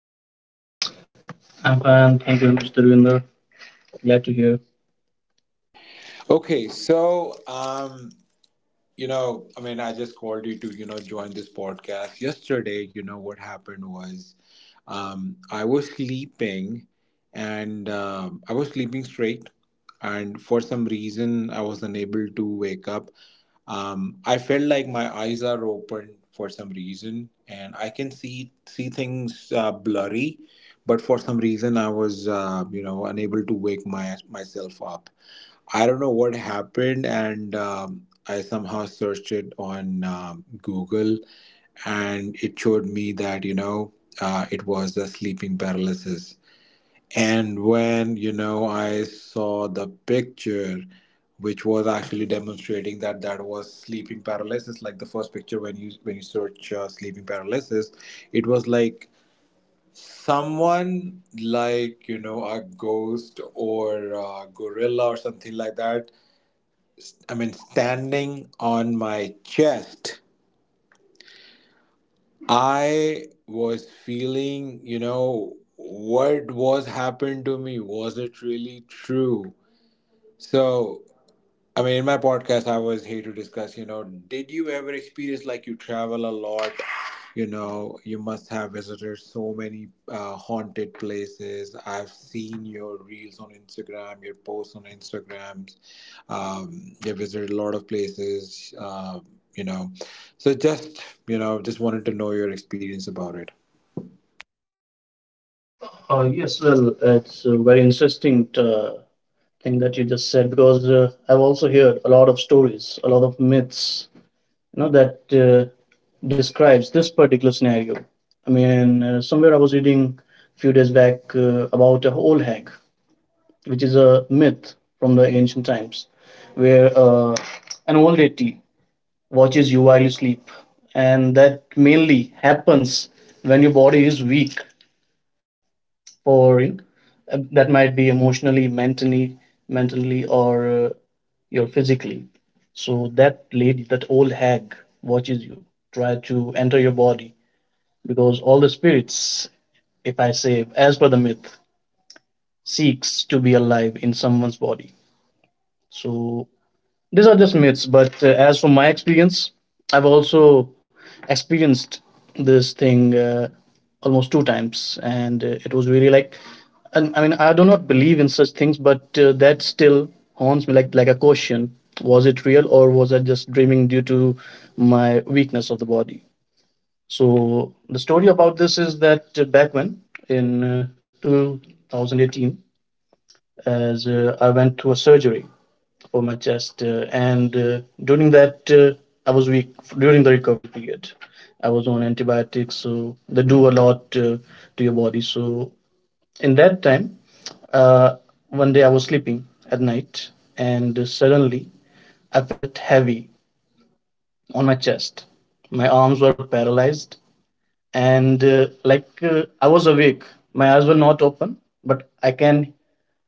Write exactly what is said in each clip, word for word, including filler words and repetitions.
How are How are you? you? I'm fine. Thank you, Mister Winder. Glad to hear. Okay, so um, you know, I mean, I just called you to you know join this podcast. Yesterday, you know what happened was, um, I was sleeping, and um I was sleeping straight, and for some reason, I was unable to wake up. um, I felt like my eyes are open for some reason, and I can see see things uh, blurry. But for some reason, I was uh, you know unable to wake my myself up. I don't know what happened, and um, I somehow searched it on um, Google, and it showed me that you know uh, it was a sleeping paralysis. And when, you know, I saw the picture, which was actually demonstrating that that was sleeping paralysis, like the first picture when you when you search uh, sleeping paralysis, it was like someone like, you know, a ghost or a gorilla or something like that. I mean, standing on my chest, I was feeling, you know, what was happened to me? Was it really true? So I mean, in my podcast, I was here to discuss, you know, did you ever experience, like, you travel a lot? You know, you must have visited so many uh, haunted places. I've seen your reels on Instagram, your posts on Instagrams. Um, you visited a lot of places, uh, you know. So just, you know, just wanted to know your experience about it. Uh, yes, well, it's a very interesting uh, thing that you just said because uh, I've also heard a lot of stories, a lot of myths, you know, that uh, describes this particular scenario. I mean, uh, somewhere I was reading a few days back uh, about a whole hag, which is a myth from the ancient times, where uh, an old lady watches you while you sleep, and that mainly happens when your body is weak. For you know, uh, that might be emotionally, mentally mentally or uh, your physically. So that lady, that old hag, watches you, try to enter your body, because all the spirits, if I say as per the myth, seeks to be alive in someone's body. So these are just myths, but uh, as from my experience, I've also experienced this thing uh, almost two times, and uh, it was really like, and I mean, I do not believe in such things, but uh, that still haunts me, like like a question: was it real, or was I just dreaming due to my weakness of the body? So the story about this is that uh, back when in uh, two thousand eighteen, as uh, I went through a surgery for my chest, uh, and uh, during that uh, I was weak during the recovery period. I was on antibiotics, so they do a lot uh, to your body. So in that time, uh, one day I was sleeping at night, and suddenly I felt heavy on my chest. My arms were paralyzed, and uh, like uh, I was awake. My eyes were not open, but I can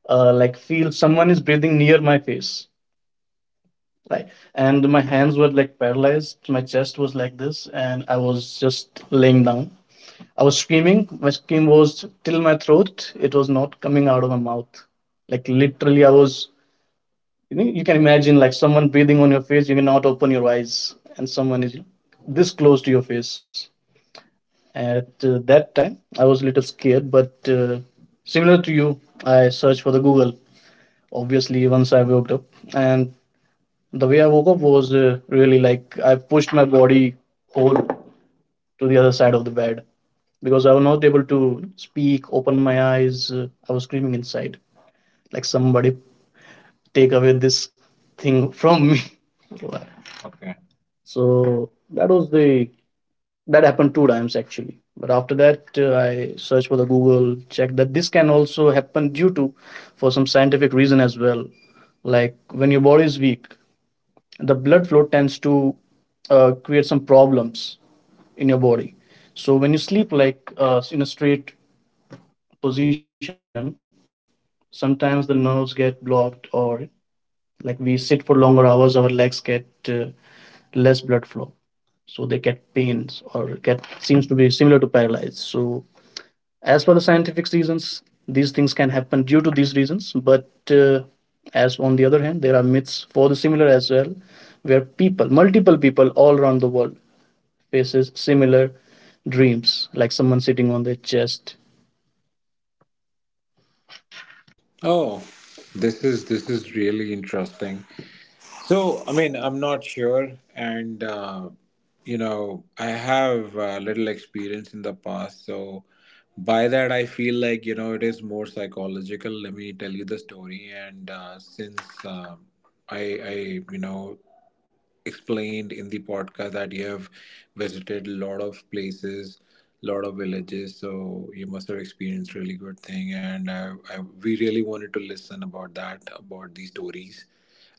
uh, like feel someone is breathing near my face. Right. And my hands were like paralyzed. My chest was like this, and I was just laying down. I was screaming. My scream was till my throat. It was not coming out of my mouth. Like literally, I was. You know, you can imagine like someone breathing on your face. You cannot open your eyes, and someone is this close to your face. At uh, that time, I was a little scared, but uh, similar to you, I searched for the Google. Obviously, once I woke up, and the way I woke up was uh, really like I pushed my body whole to the other side of the bed because I was not able to speak, open my eyes. Uh, I was screaming inside, like somebody take away this thing from me. Okay. So that was the that happened two times actually. But after that, uh, I searched for the Google, checked that this can also happen due to for some scientific reason as well. Like when your body is weak, the blood flow tends to uh, create some problems in your body. So when you sleep like uh, in a straight position, sometimes the nerves get blocked, or like we sit for longer hours, our legs get uh, less blood flow, so they get pains or get seems to be similar to paralysis. So as per the scientific reasons, these things can happen due to these reasons, but uh, as on the other hand, there are myths for the similar as well, where people, multiple people all around the world, faces similar dreams like someone sitting on their chest. Oh, this is this is really interesting. So, I mean, I'm not sure, and uh, you know, I have uh, little experience in the past, so by that, I feel like you know it is more psychological. Let me tell you the story, and uh, since um I, I, you know, explained in the podcast that you have visited a lot of places, lot of villages, so you must have experienced really good thing, and I, I, we really wanted to listen about that, about these stories,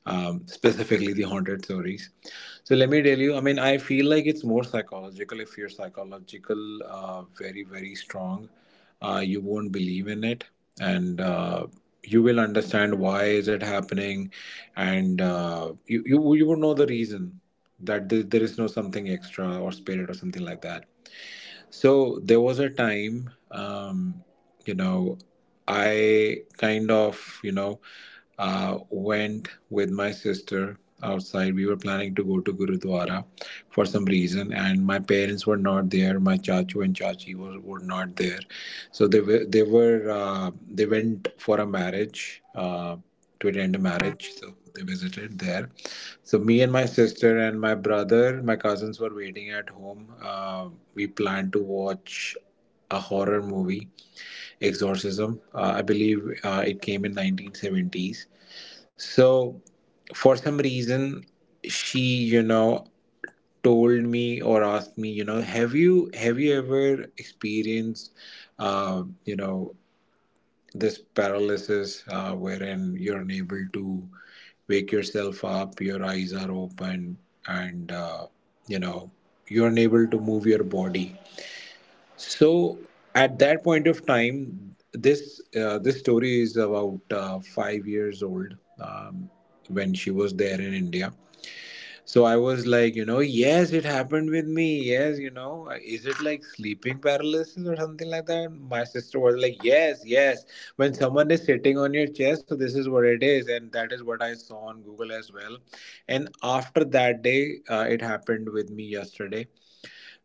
um, specifically the haunted stories. So let me tell you, I mean, I feel like it's more psychological. If you're psychological, uh, very, very strong, uh, you won't believe in it. And uh, you will understand why is it happening. And uh, you, you, you would know the reason that there, there is no something extra or spirit or something like that. So there was a time, um, you know, I kind of, you know, uh, went with my sister outside. We were planning to go to Gurudwara for some reason, and my parents were not there. My chachu and chachi were, were not there, so they were they were uh, they went for a marriage, uh, to attend a marriage. So they visited there, so me and my sister and my brother, my cousins were waiting at home. Uh, we planned to watch a horror movie, Exorcism. Uh, I believe uh, it came in nineteen seventies. So for some reason, she, you know, told me or asked me, you know, have you have you ever experienced, uh, you know, this paralysis, uh, wherein you're unable to wake yourself up, your eyes are open, and uh, you know you're unable to move your body. So at that point of time, this uh, this story is about uh, five years old, um, when she was there in india. So I was like, you know, yes, it happened with me. Yes, you know, is it like sleeping paralysis or something like that? My sister was like, yes, yes. When someone is sitting on your chest, so this is what it is. And that is what I saw on Google as well. And after that day, uh, it happened with me yesterday.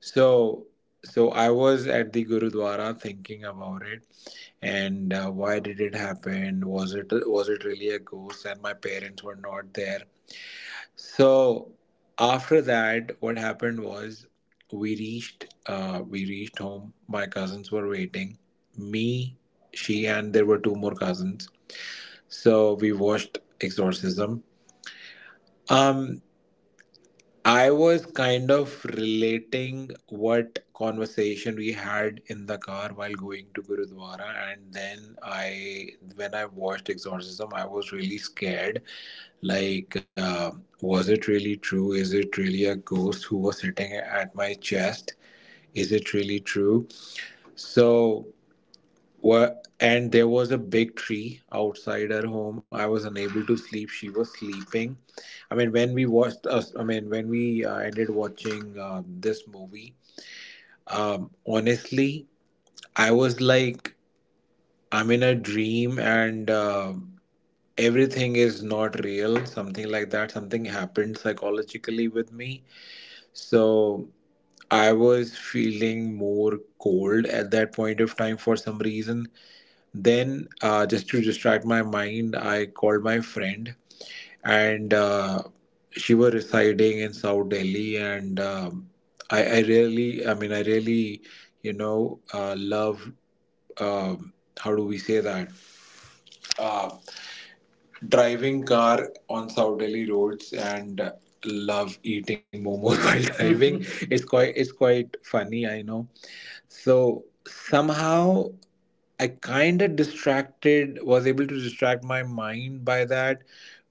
So so I was at the gurudwara thinking about it, and uh, why did it happen? Was it was it really a ghost? And my parents were not there. So after that, what happened was, we reached uh, we reached home. My cousins were waiting. Me, she, and there were two more cousins. So we watched Exorcism. Um, I was kind of relating what conversation we had in the car while going to Gurudwara, and then I, when I watched Exorcism, I was really scared, like uh, was it really true? Is it really a ghost who was sitting at my chest? Is it really true? So what, and there was a big tree outside her home. I was unable to sleep, she was sleeping. i mean when we watched us I mean when we uh, ended watching uh, this movie, um, honestly, I was like, I'm in a dream, and uh, everything is not real, something like that, something happened psychologically with me. So I was feeling more cold at that point of time for some reason. Then, uh, just to distract my mind, I called my friend, and uh, she was residing in South Delhi. And um I, I really, I mean, I really, you know, uh, love. Um, how do we say that? Uh, Driving car on South Delhi roads and love eating momos while driving. It's quite, it's quite funny. I know. So somehow I kind of distracted, was able to distract my mind by that,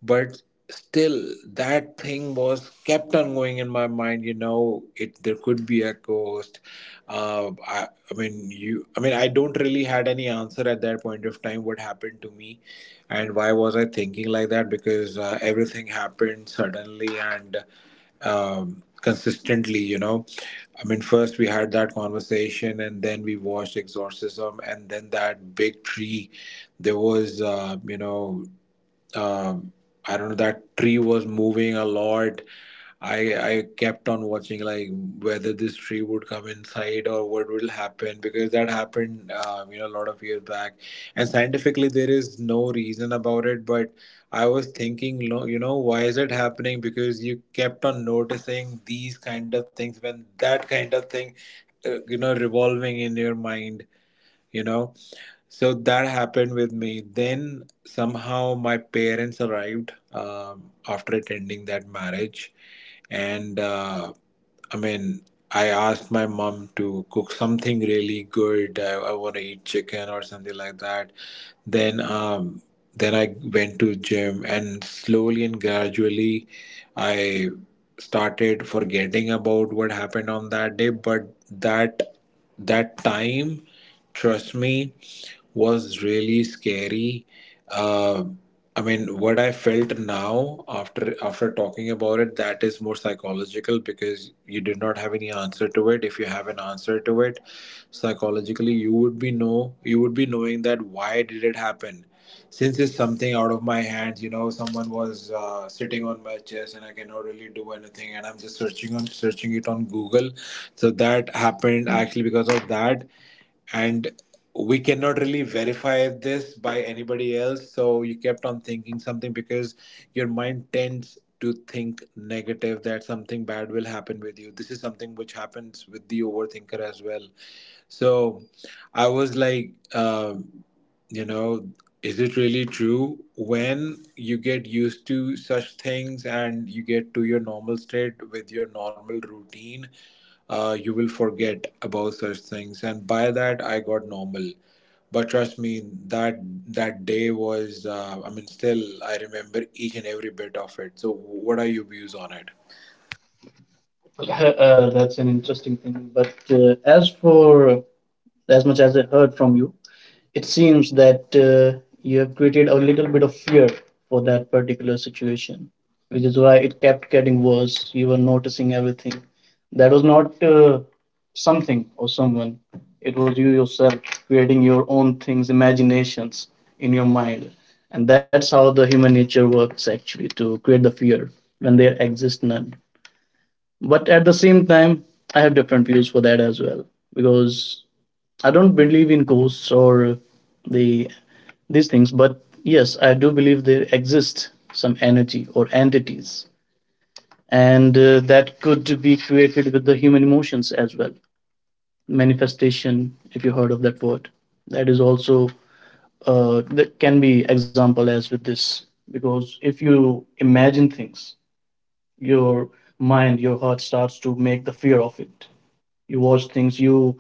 but still that thing was kept on going in my mind. You know, it there could be a ghost. Uh, I, I mean, you. I mean, I don't really had any answer at that point of time. What happened to me, and why was I thinking like that? Because uh, everything happened suddenly and, um, consistently. You know, I mean, first we had that conversation, and then we watched Exorcism, and then that big tree. There was, uh, you know, um I don't know, that tree was moving a lot. I I kept on watching, like, whether this tree would come inside or what will happen, because that happened, um, you know, a lot of years back. And scientifically, there is no reason about it, but I was thinking, lo- you know, why is it happening? Because you kept on noticing these kind of things when that kind of thing uh, you know revolving in your mind, you know. So that happened with me, then somehow my parents arrived, um, after attending that marriage. And uh, I mean, I asked my mom to cook something really good, i, I want to eat chicken or something like that. Then um, then I went to gym, and slowly and gradually I started forgetting about what happened on that day. But that that time, trust me, was really scary. uh, I mean, what I felt now after after talking about it, that is more psychological, because you did not have any answer to it. If you have an answer to it psychologically, you would be know you would be knowing that why did it happen. Since it's something out of my hands, you know, someone was uh, sitting on my chest, and I cannot really do anything, and I'm just searching on searching it on google. So that happened actually because of that. And we cannot really verify this by anybody else, so you kept on thinking something, because your mind tends to think negative, that something bad will happen with you. This is something which happens with the overthinker as well. So I was like, um, you know, is it really true? When you get used to such things and you get to your normal state with your normal routine, uh, you will forget about such things. And by that, I got normal. But trust me, that that day was, uh, I mean, still I remember each and every bit of it. So, what are your views on it? Right. Uh, that's an interesting thing, but uh, as for as much as I heard from you, it seems that uh, you have created a little bit of fear for that particular situation, which is why it kept getting worse. You were noticing everything. That was not uh, something or someone, it was you yourself creating your own things, imaginations in your mind. And that's how the human nature works actually, to create the fear when there exists none. But at the same time, I have different views for that as well, because I don't believe in ghosts or the these things, but yes, I do believe there exist some energy or entities, and uh, that could be created with the human emotions as well. Manifestation, if you heard of that word, that is also uh, that can be example as with this, because if you imagine things, your mind, your heart starts to make the fear of it. You watch things, you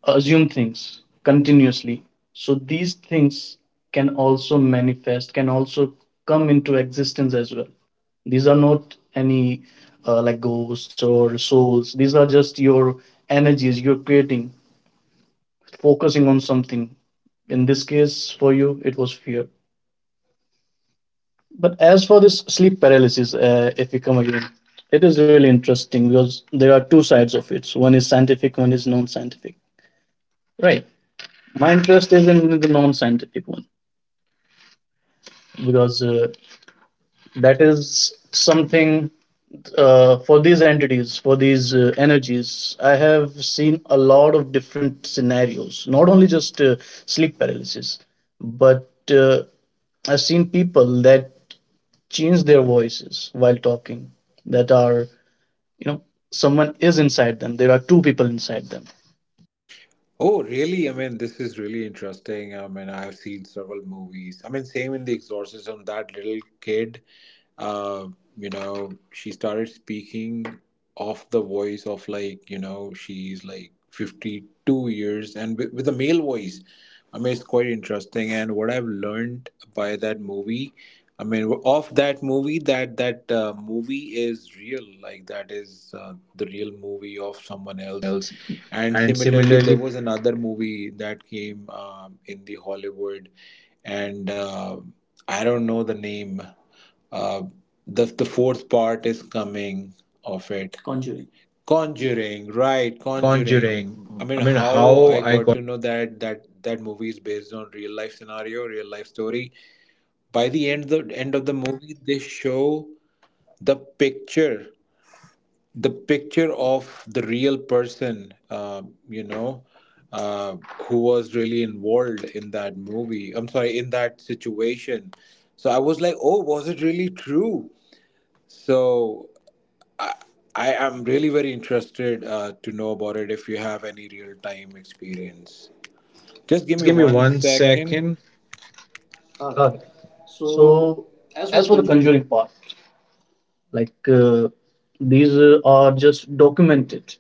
assume things continuously. So these things can also manifest, can also come into existence as well. These are not any uh, like ghosts or souls. These are just your energies you're creating, focusing on something. In this case, for you, it was fear. But as for this sleep paralysis, uh, if we come again, it is really interesting because there are two sides of it. So one is scientific, one is non scientific. Right. My interest is in the non scientific one, because uh, that is something uh, for these entities, for these uh, energies. I have seen a lot of different scenarios, not only just uh, sleep paralysis, but uh, I've seen people that change their voices while talking, that are, you know, someone is inside them, there are two people inside them. Oh, really? I mean, this is really interesting. I mean, I have seen several movies. I mean, same in The Exorcism, that little kid, uh, you know, she started speaking of the voice of, like, you know, she's like fifty-two years and with, with a male voice. I mean, it's quite interesting, and what I've learned by that movie, I mean, of that movie, that that uh, movie is real. Like that is uh, the real movie of someone Someone else. else. And And similarly, there similarly, was another movie that came, um, in the Hollywood, and uh, I don't know the name. Uh, the the fourth part is coming of it. Conjuring. Conjuring, right, right, Conjuring. Conjuring. I mean, I mean, how how I I got got. to know that that that movie is based on real life scenario, real life story. By the end the end of the movie, they show the picture, the picture of the real person, uh, you know, uh, who was really involved in that movie. I'm sorry, in that situation. So I was like, oh, was it really true? So I am really very interested uh, to know about it if you have any real time experience. Just Just give give me me one one second. second. Alright. Right. So, So, as as for for the the conjuring, Conjuring part, like uh, these uh, are just documented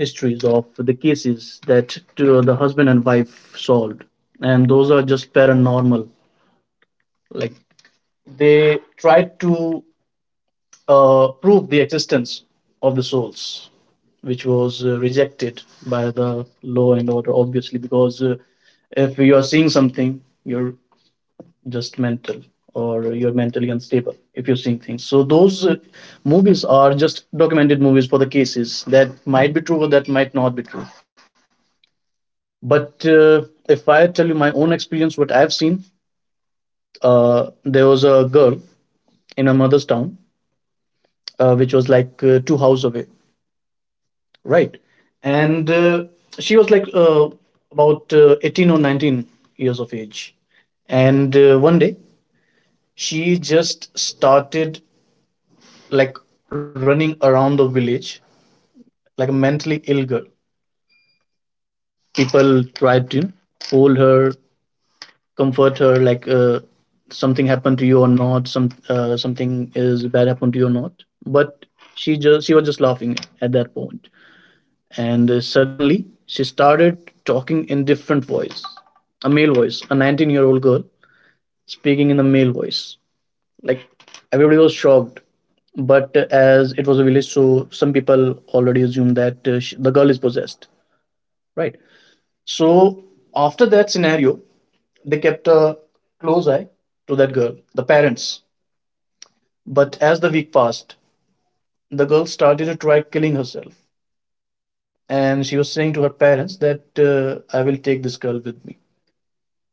histories of the cases that uh, the husband and wife solved, and those are just paranormal. Like they tried to uh, prove the existence of the souls, which was uh, rejected by the law and order, obviously, because uh, if you are seeing something, you're just mental or you're mentally unstable if you're seeing things. So those uh, movies are just documented movies for the cases that might be true or that might not be true, but uh, if i tell you my own experience, what I've seen. Uh, there was a girl in her mother's town, uh, which was like uh, two houses away. Right. And uh, she was like uh, about uh, eighteen or nineteen years of age. And uh, one day she just started like running around the village like a mentally ill girl. People tried to hold her, comfort her, like uh, something happened to you or not, some uh, something is bad happened to you or not. But she just she was just laughing at that point, and uh, suddenly she started talking in different voice, a male voice, a nineteen year old girl speaking in a male voice. Like everybody was shocked, but uh, as it was a village, so some people already assumed that uh, sh- the girl is possessed. Right. So after that scenario, they kept a close eye to that girl, the parents. But as the week passed, the girl started to try killing herself, and she was saying to her parents that uh, I will take this girl with me.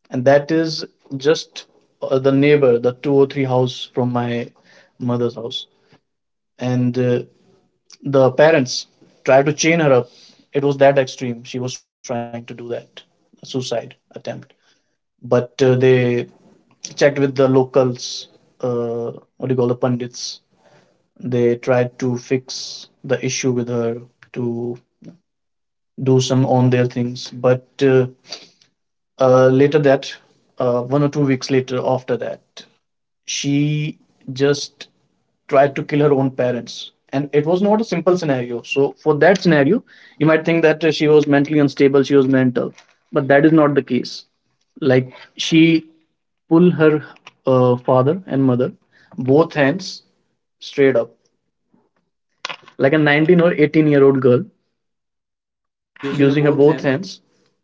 And that is just uh, the neighbor, the two or three house from my mother's house. And uh, the parents tried to chain her up. It was that extreme. She was trying to do that, a suicide attempt. But uh, they checked with the locals, uh, what do you call the pundits. They tried to fix the issue with her to do some on their things. But uh, uh, Later that, uh, one or two weeks later after that, she just tried to kill her own parents. And it was not a simple scenario. So, for that scenario, you might think that uh, she was mentally unstable, she was mental. But that is not the case. Like, she pulled her uh, father and mother, both hands, straight up. Like a nineteen or eighteen year old girl, using using a her both both hand hands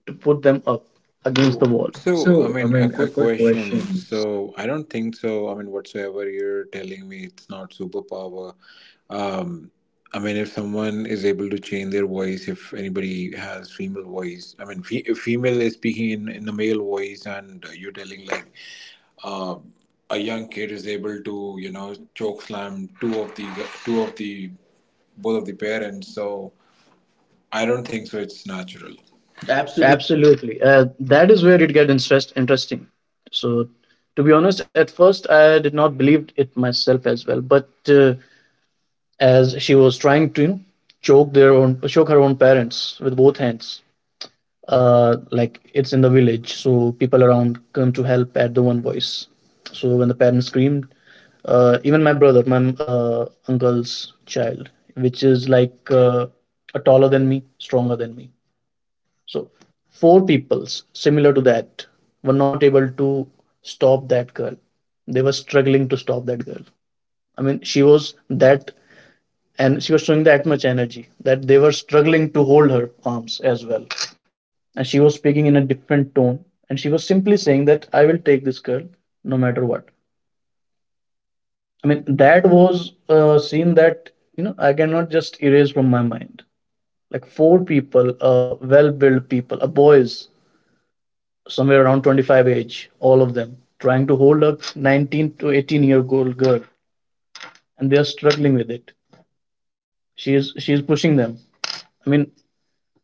to put them up against against the the wall. wall. So, So, I I mean, mean, a a quick quick question. question. So, I don't think so. I mean, whatsoever you're telling me, it's not superpower. Um, I mean, if someone is able to change their voice, if anybody has female voice, I mean, fe- if female is speaking in, in a male voice, and you're telling like a young kid is able to you know choke slam two of the two of the both of the parents, so I don't think so it's natural. Absolutely. Absolutely. Uh, that is where it gets interest, interesting. So, to be honest, at first I did not believe it myself as well. But uh, as she was trying to, you know, choke their own, choke her own parents with both hands, uh, like it's in the village, so people around come to help at the one voice. So when the parents screamed, uh, even my brother, my uh, uncle's child, which is like uh, a taller than me, stronger than me, so four peoples similar to that were not able to stop that girl. They were struggling to stop that girl. I mean, she was that, and she was showing that much energy that they were struggling to hold her arms as well. And she was speaking in a different tone, and she was simply saying that I will take this girl no matter what. I mean, that was a scene that, you know, I cannot just erase from my mind. Like four people, uh, well-built people, a boys somewhere around twenty-five age, all of them, trying to hold a nineteen to eighteen year old girl, and they are struggling with it. She is she is pushing them. I mean,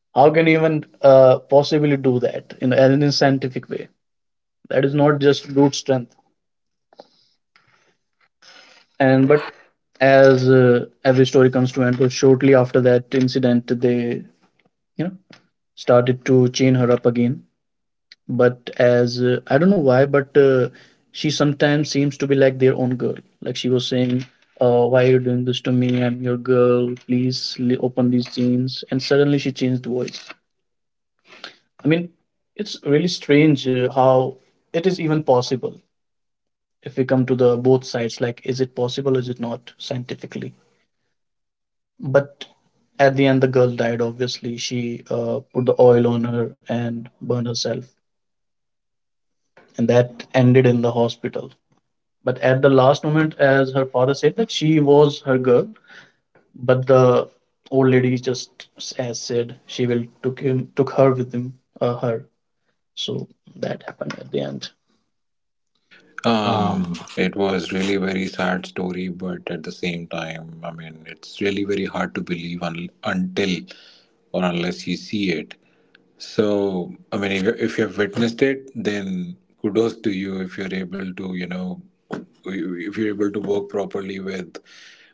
how can you even uh, possibly do that in a- in a scientific way? That is not just brute strength. And But but as uh, every story comes to an end, so shortly after that incident, they you know started to chain her up again, but as uh, I don't know why, but uh, she sometimes seems to be like their own girl. Like she was saying, uh, "Why are you doing this to me? I'm your girl. Please li- open these jeans." And suddenly she changed voice. I mean, it's really strange uh, how it is even possible if we come to the both sides. Like, is it possible? Is it not scientifically? But at the end, the girl died. Obviously, she uh, put the oil on her and burned herself, and that ended in the hospital. But at the last moment, as her father said, that she was her girl, but the old lady just s- as said she will took him took her with him uh, her. So that happened at the end. um Um, it was really very sad story, but at the same time, I mean, it's really very hard to believe un- until or unless you see it. So I mean, if, you- if you have witnessed it, then kudos to you. If you're able to, you know if you're able to work properly with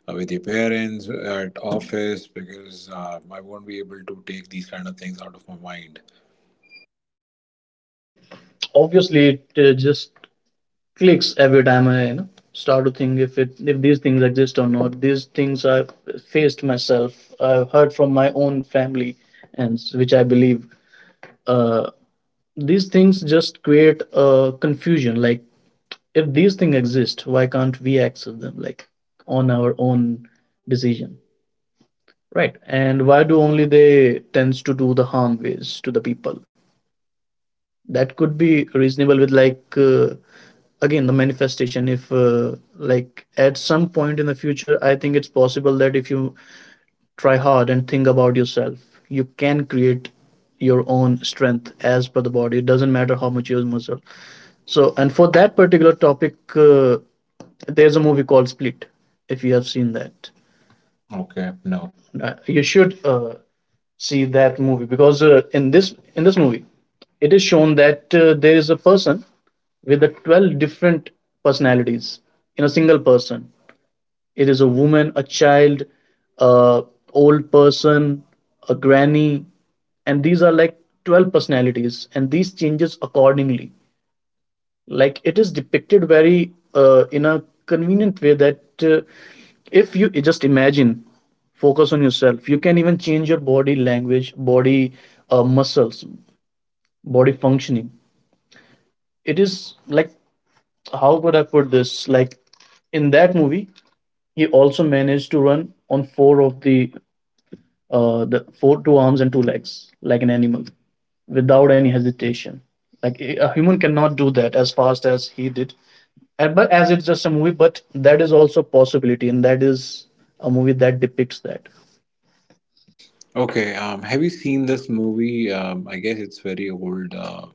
uh, with your parents at office, because uh, I won't be able to take these kind of things out of my mind. I mean, obviously, it uh, just clicks every time I, you know, start to think if it if these things exist or not. These things I've faced myself. I've heard from my own family, and s- which I believe. Uh, these things just create a confusion. Like if these things exist, why can't we access them like on our own decision? Right. And why do only they tends to do the harm ways to the people? That could be reasonable with like uh, again the manifestation if uh, like at some point in the future, I think it's possible that if you try hard and think about yourself, you can create your own strength as per the body. It doesn't matter how much you use muscle. So, and for that particular topic, uh, there's a movie called Split. If you have seen that. Okay, no. Uh, you should uh, see that movie because uh, in this in this movie, it is shown that uh, there is a person with the twelve different personalities in a single person. It is a woman, a child, a old person, a granny, and these are like twelve personalities, and these changes accordingly. Like it is depicted very uh, in a convenient way that uh, if you just imagine, focus on yourself, you can even change your body language, body uh, muscles, body functioning. It is like, how could I put this? Like, in that movie, he also managed to run on four of the uh, the four two arms and two legs like an animal, without any hesitation. Like a a human cannot do that as fast as he did. And, but as it's just a movie, but that is also possibility, and that is a movie that depicts that. Okay, um, have you seen this movie? Um, I guess it's very old. Uh,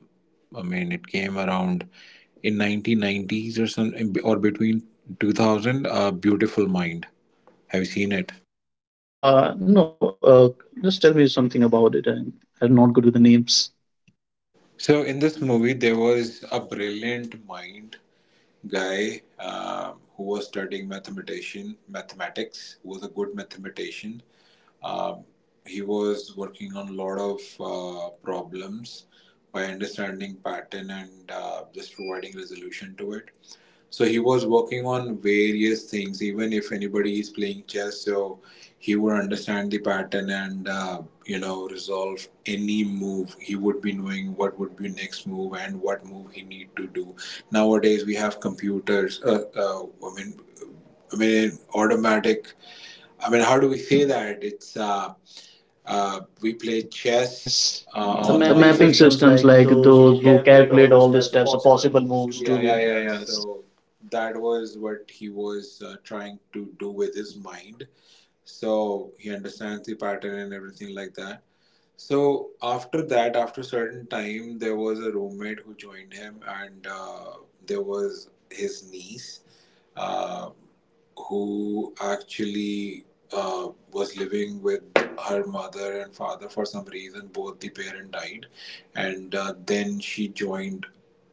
I mean, it came around in nineteen nineties or some, or between two thousand. Uh, Beautiful Mind. Have you seen it? Uh no, uh, just tell me something about it. i'm, I'm not good with the names. So in this movie, there was a brilliant mind guy, um who was studying mathematician, mathematics, who was a good mathematician. Uh, he was working on a lot of uh, problems by understanding pattern, and uh, just providing resolution to it. So he was working on various things. Even if anybody is playing chess, so he would understand the pattern, and uh, you know resolve any move. He would be knowing what would be next move and what move he need to do. Nowadays we have computers, uh, uh, I mean, i mean automatic. I mean, how do we say that? It's uh, uh, we play chess, Chess. uh, Uh, the the online mapping online. mapping Systems systems, like like those those who who calculate calculate all all the the steps, the steps, the possible possible moves to. moves to. Yeah, Yeah, yeah, yeah, yeah. yeah. So that was what he was uh, trying to do with his mind. So he understands the pattern and everything like that. So after that, after a certain time, there was a roommate who joined him, and uh, there was his niece, uh, who actually, uh, was living with her mother and father for some reason. Both the parent died, and uh, then she joined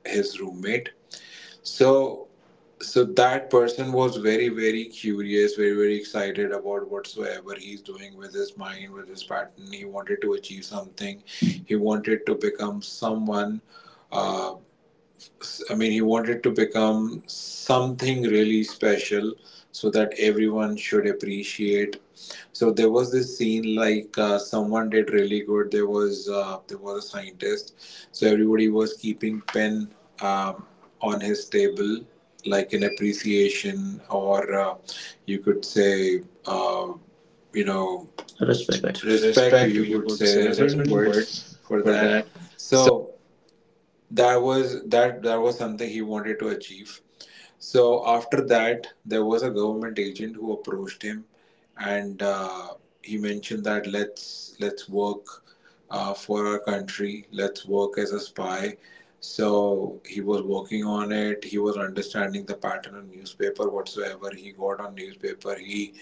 his roommate. So, so that person was very, very curious, very, very excited about whatsoever he's doing with his mind, with his pattern. He wanted to achieve something. He wanted to become someone. uh, I mean, he wanted to become something really special, so that everyone should appreciate. So there was this scene, like uh, someone did really good. There was uh, there was a scientist, so everybody was keeping pen, um, on his table, like an appreciation, or, uh, you could say, uh, you know, Respect. Respect. respect. Or Respect, you you could could say, there say. are There's certain already words words for for that. that. So that was that that was something he wanted to achieve. So after that, there was a government agent who approached him, and uh, he mentioned that, let's, let's work uh, for our country, let's work as a spy. So he was working on it, he was understanding the pattern on newspaper. Whatsoever he got on newspaper, he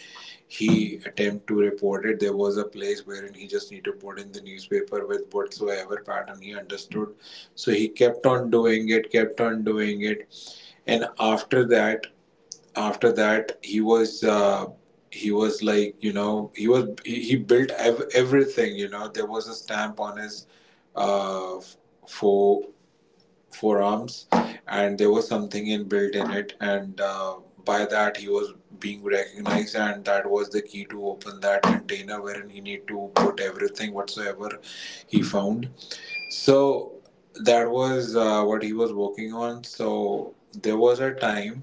he attempt to report it. There was a place wherein he just need to put in the newspaper with whatsoever pattern he understood. So he kept on doing it, kept on doing it. And after that, after that, he was. Uh, he was like, you know he was, he, he built ev- everything. You know there was a stamp on his uh, f- fo- forearms, and there was something in built in it. And uh, by that, he was being recognized, and that was the key to open that container wherein he need to put everything whatsoever he found. So that was uh, what he was working on. So there was a time,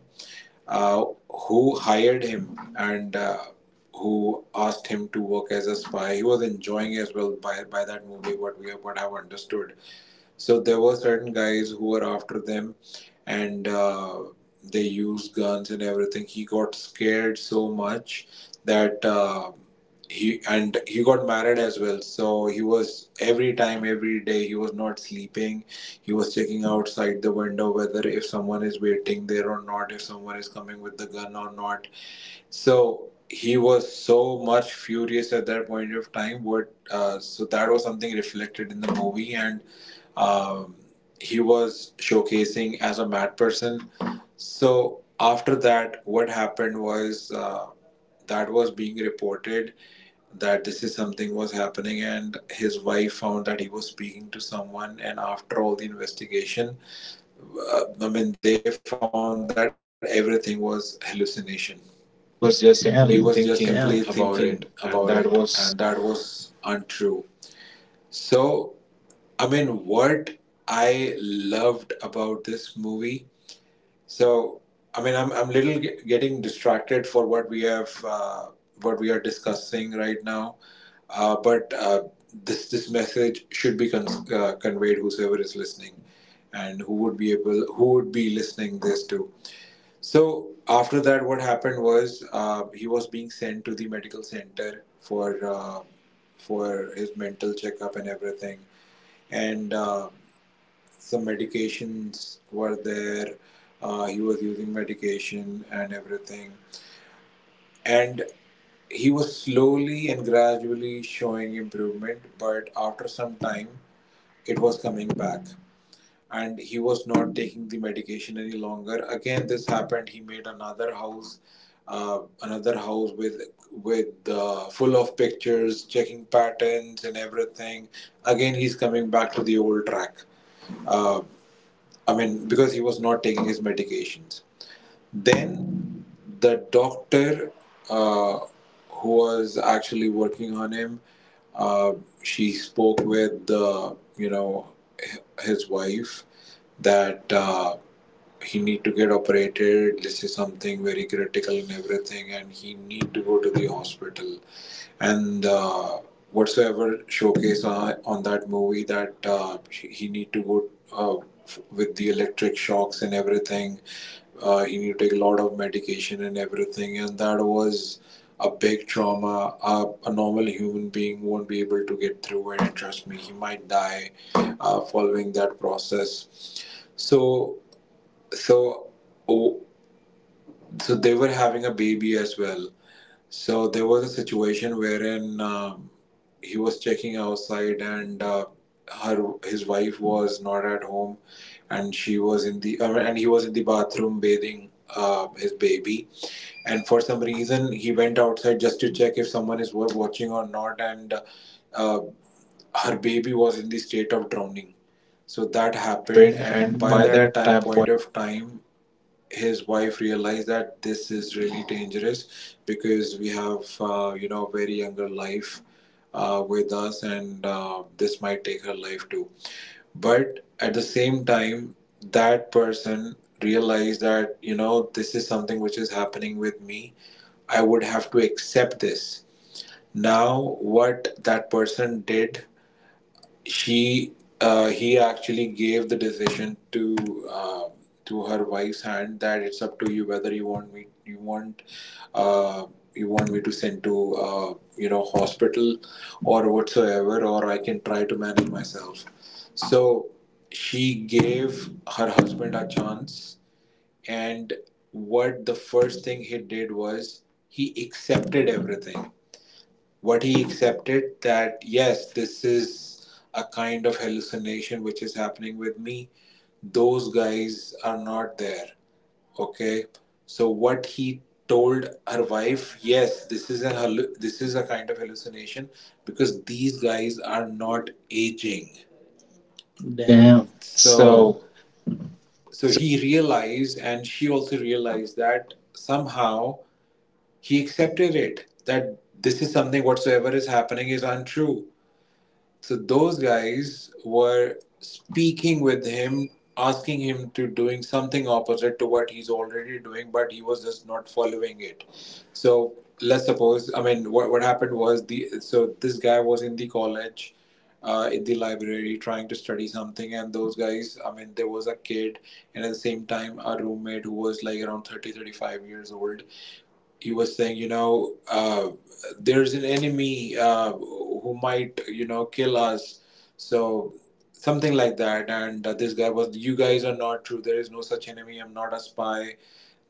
uh, who hired him, and uh, who asked him to work as a spy. He was enjoying as well, by, by that movie, what we have, what I've understood. So there were certain guys who were after them, and uh, they used guns and everything. He got scared so much that uh, he, and he got married as well. So he was every time, every day, he was not sleeping. He was checking outside the window whether if someone is waiting there or not, if someone is coming with the gun or not. So he was so much furious at that point of time. What, uh, so that was something reflected in the movie. And um, he was showcasing as a mad person. So after that, what happened was, uh, that was being reported, that this is something was happening. And his wife found that he was speaking to someone. And after all the investigation, uh, I mean, they found that everything was hallucination. He He was was just just, yeah, simply Damn. only Thinking thinking about about it, it, and and that that was was. untrue. So, I mean, what I loved about this movie. So, I mean, I'm I'm little ge- getting distracted for what we have, uh, what we are discussing right now. Uh, but uh, this this message should be con- uh, conveyed whosoever is listening, and who would be able, who would be listening this to. So after that, what happened was, uh, he was being sent to the medical center for, uh, for his mental checkup and everything. And Uh, some medications were there. Uh, he was using medication and everything. And he was slowly and gradually showing improvement, but after some time, it was coming back. And he was not taking the medication any longer. Again, this happened. He made another house, uh, another house with, with uh, full of pictures, checking patterns and everything. Again, he's coming back to the old track. Uh, I mean, because he was not taking his medications. Then the doctor, uh, who was actually working on him, uh, she spoke with, the you know his wife, that uh, he need to get operated. This is something very critical and everything, and he need to go to the hospital, and uh, whatsoever showcase on, on that movie, that uh, he, he need to go uh, f- with the electric shocks and everything. Uh, he need to take a lot of medication and everything, and that was a big trauma. A, a normal human being won't be able to get through it, and trust me, he might die uh, following that process. So so oh, so they were having a baby as well. So there was a situation wherein, um, he was checking outside, and uh, her, his wife was not at home, and she was in the uh, and he was in the bathroom bathing, uh, his baby. And for some reason, he went outside just to check if someone is wa- watching or not, and uh, her baby was in the state of drowning. So that That happened, happened, and and by by that that time, time, point of time, his wife realized that this is really dangerous, because we have, uh, you know very younger life uh, with us, and uh, this might take her life too. But at the same time, that person realized that, you know this is something which is happening with me. I would have to accept this. Now what that person did, she, uh, he actually gave the decision to, um to her wife's hand, that it's up to you, whether you want me, you want, uh, you want me to send to, uh, you know hospital or whatsoever, or I can try to manage myself. So she gave her husband a chance. And what the first thing he did was, he accepted everything. What he accepted, that yes, this is a kind of hallucination which is happening with me. Those guys are not there. Okay. So what he told her wife, yes, this is a hallu- this is a kind of hallucination, because these guys are not aging. point. Damn. Damn. So So so he realized, and she also realized that somehow he accepted it, that this is something whatsoever is happening is untrue. So those guys were speaking with him, asking him to doing something opposite to what he's already doing, but he was just not following it. So let's suppose, I mean, what, what happened was, the so this guy was in the college, uh, in the library trying to study something. And those guys, I mean, there was a kid, and at the same time, a roommate who was like around thirty thirty five years old. He was saying, you know, uh, there's an enemy, uh, who might, you know, kill us. So something like that. And uh, this guy was, you guys are not true. There is no such enemy. I'm not a spy.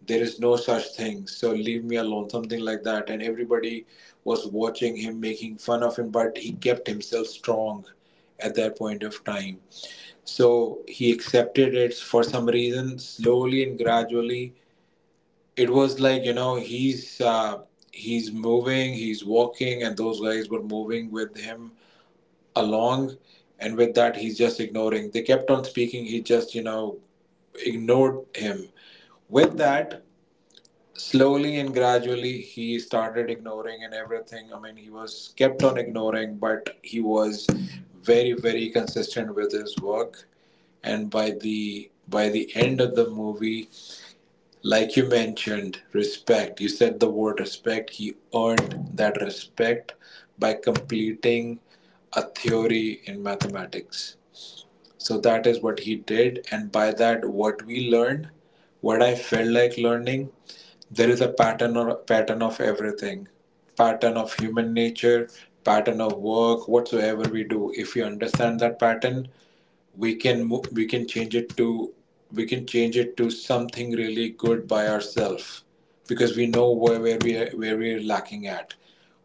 There is no such thing. So leave me alone. Something like that. And everybody was watching him, making fun of him, but he kept himself strong at that point of time. So he accepted it for some reason. Slowly and gradually, it was like you know he's uh, he's moving, he's walking, and those guys were moving with him along. And with that, he's just ignoring. They kept on speaking, he just you know ignored him. With that, slowly and gradually, he started ignoring and everything. I mean, he was kept on ignoring, but he was very very consistent with his work. And by the by the end of the movie, like you mentioned, respect. You said the word respect. He earned that respect by completing a theory in mathematics. So that is what he did. And by that, what we learned, what I felt like learning, there is a pattern, or pattern of everything, pattern of human nature, pattern of work, whatsoever we do. If you understand that pattern, we can mo- we can change it to, we can change it to something really good by ourselves, because we know where, where we are, where we are lacking at.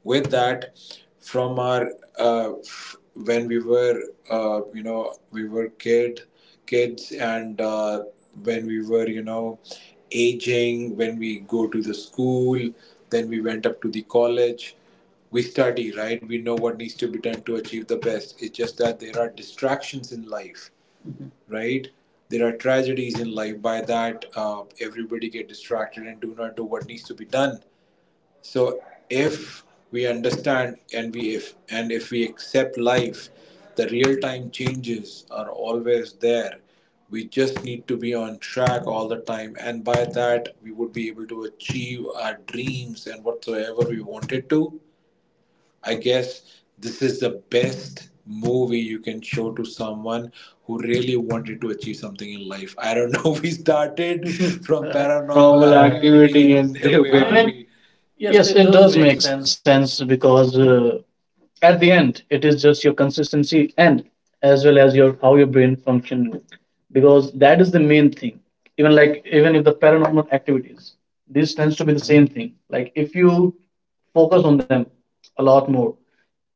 With that, from our uh, f- when we were, uh, you know we were kid kids, and uh, when we were you know aging, when we go to the school, then we went up to the college, we study, right? We know what needs to be done to achieve the best. It's just that there are distractions in life, right? There are tragedies in life. By that, uh, everybody get distracted and do not do what needs to be done. So if we understand and we if and if we accept life, the real time changes are always there. We just need to be on track all the time, and by that we would be able to achieve our dreams and whatsoever we wanted to. I guess this is the best movie you can show to someone who really wanted to achieve something in life. I don't know. We started from paranormal paranormal Uh, activity activity and and there they where will, I I mean, mean, we. be. Yes, Yes, it it does does make make sense. sense because uh, at the end, it is just your consistency and as well as your how your brain function, because that is the main thing. Even like even if the paranormal activities, this tends to be the same thing. Like if you focus on them a lot more,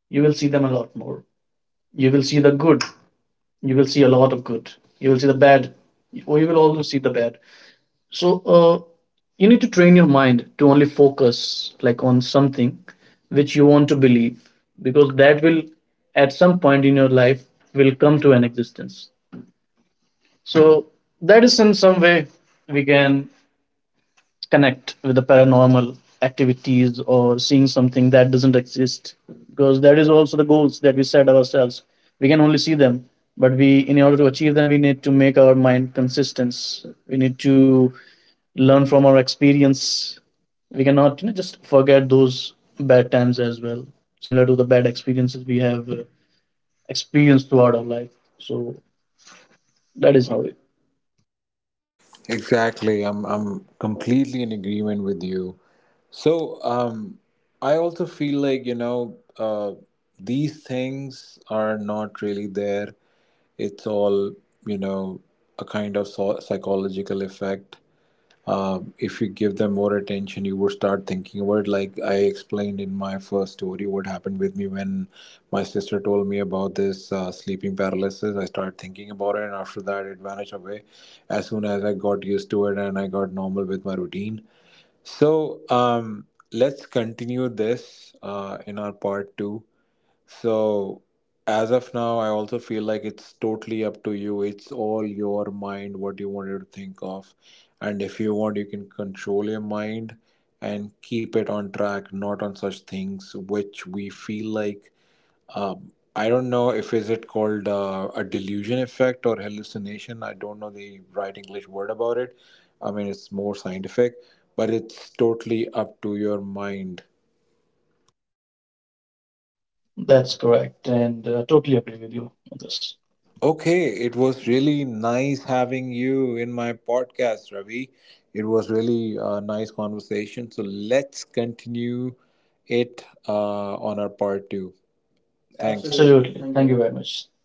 you will see them a lot more. You will see the good, you will see a lot of good, you will see the bad, or you will also see the bad. So uh, you need to train your mind to only focus like on something which you want to believe, because that will at some point in your life will come to an existence. So that is in some way we can connect with the paranormal activities or seeing something that doesn't exist, because that is also the goals that we set ourselves. We can only see them, but we, in order to achieve them, we need to make our mind consistent. We need to learn from our experience. We cannot, you know, just forget those bad times as well, similar to the bad experiences we have uh, experienced throughout our life. So that is how it. Exactly. I'm I'm completely in agreement with you. So, um, I also feel like, you know, uh, these things are not really there. It's all, you know, a kind of so psychological effect. Um, if you give them more attention, you would start thinking about it. Like I explained in my first story what happened with me when my sister told me about this uh, sleeping paralysis, I started thinking about it, and after that it vanished away as soon as I got used to it and I got normal with my routine. So um, let's continue this uh, in our part two. So, as of now, I also feel like it's totally up to you. It's all your mind, what you wanted to think of. And if you want, you can control your mind and keep it on track, not on such things which we feel like. Um, I don't know if is it called uh, a delusion effect or hallucination. I don't know the right English word about it. I mean, it's more scientific, but it's totally up to your mind. That's correct, and uh, totally agree with you on this. Okay, it was really nice having you in my podcast, Ravi. It was really a nice conversation. So let's continue it uh, on our part two. Thanks. Absolutely. Absolutely, Thank you very thank you much. very much.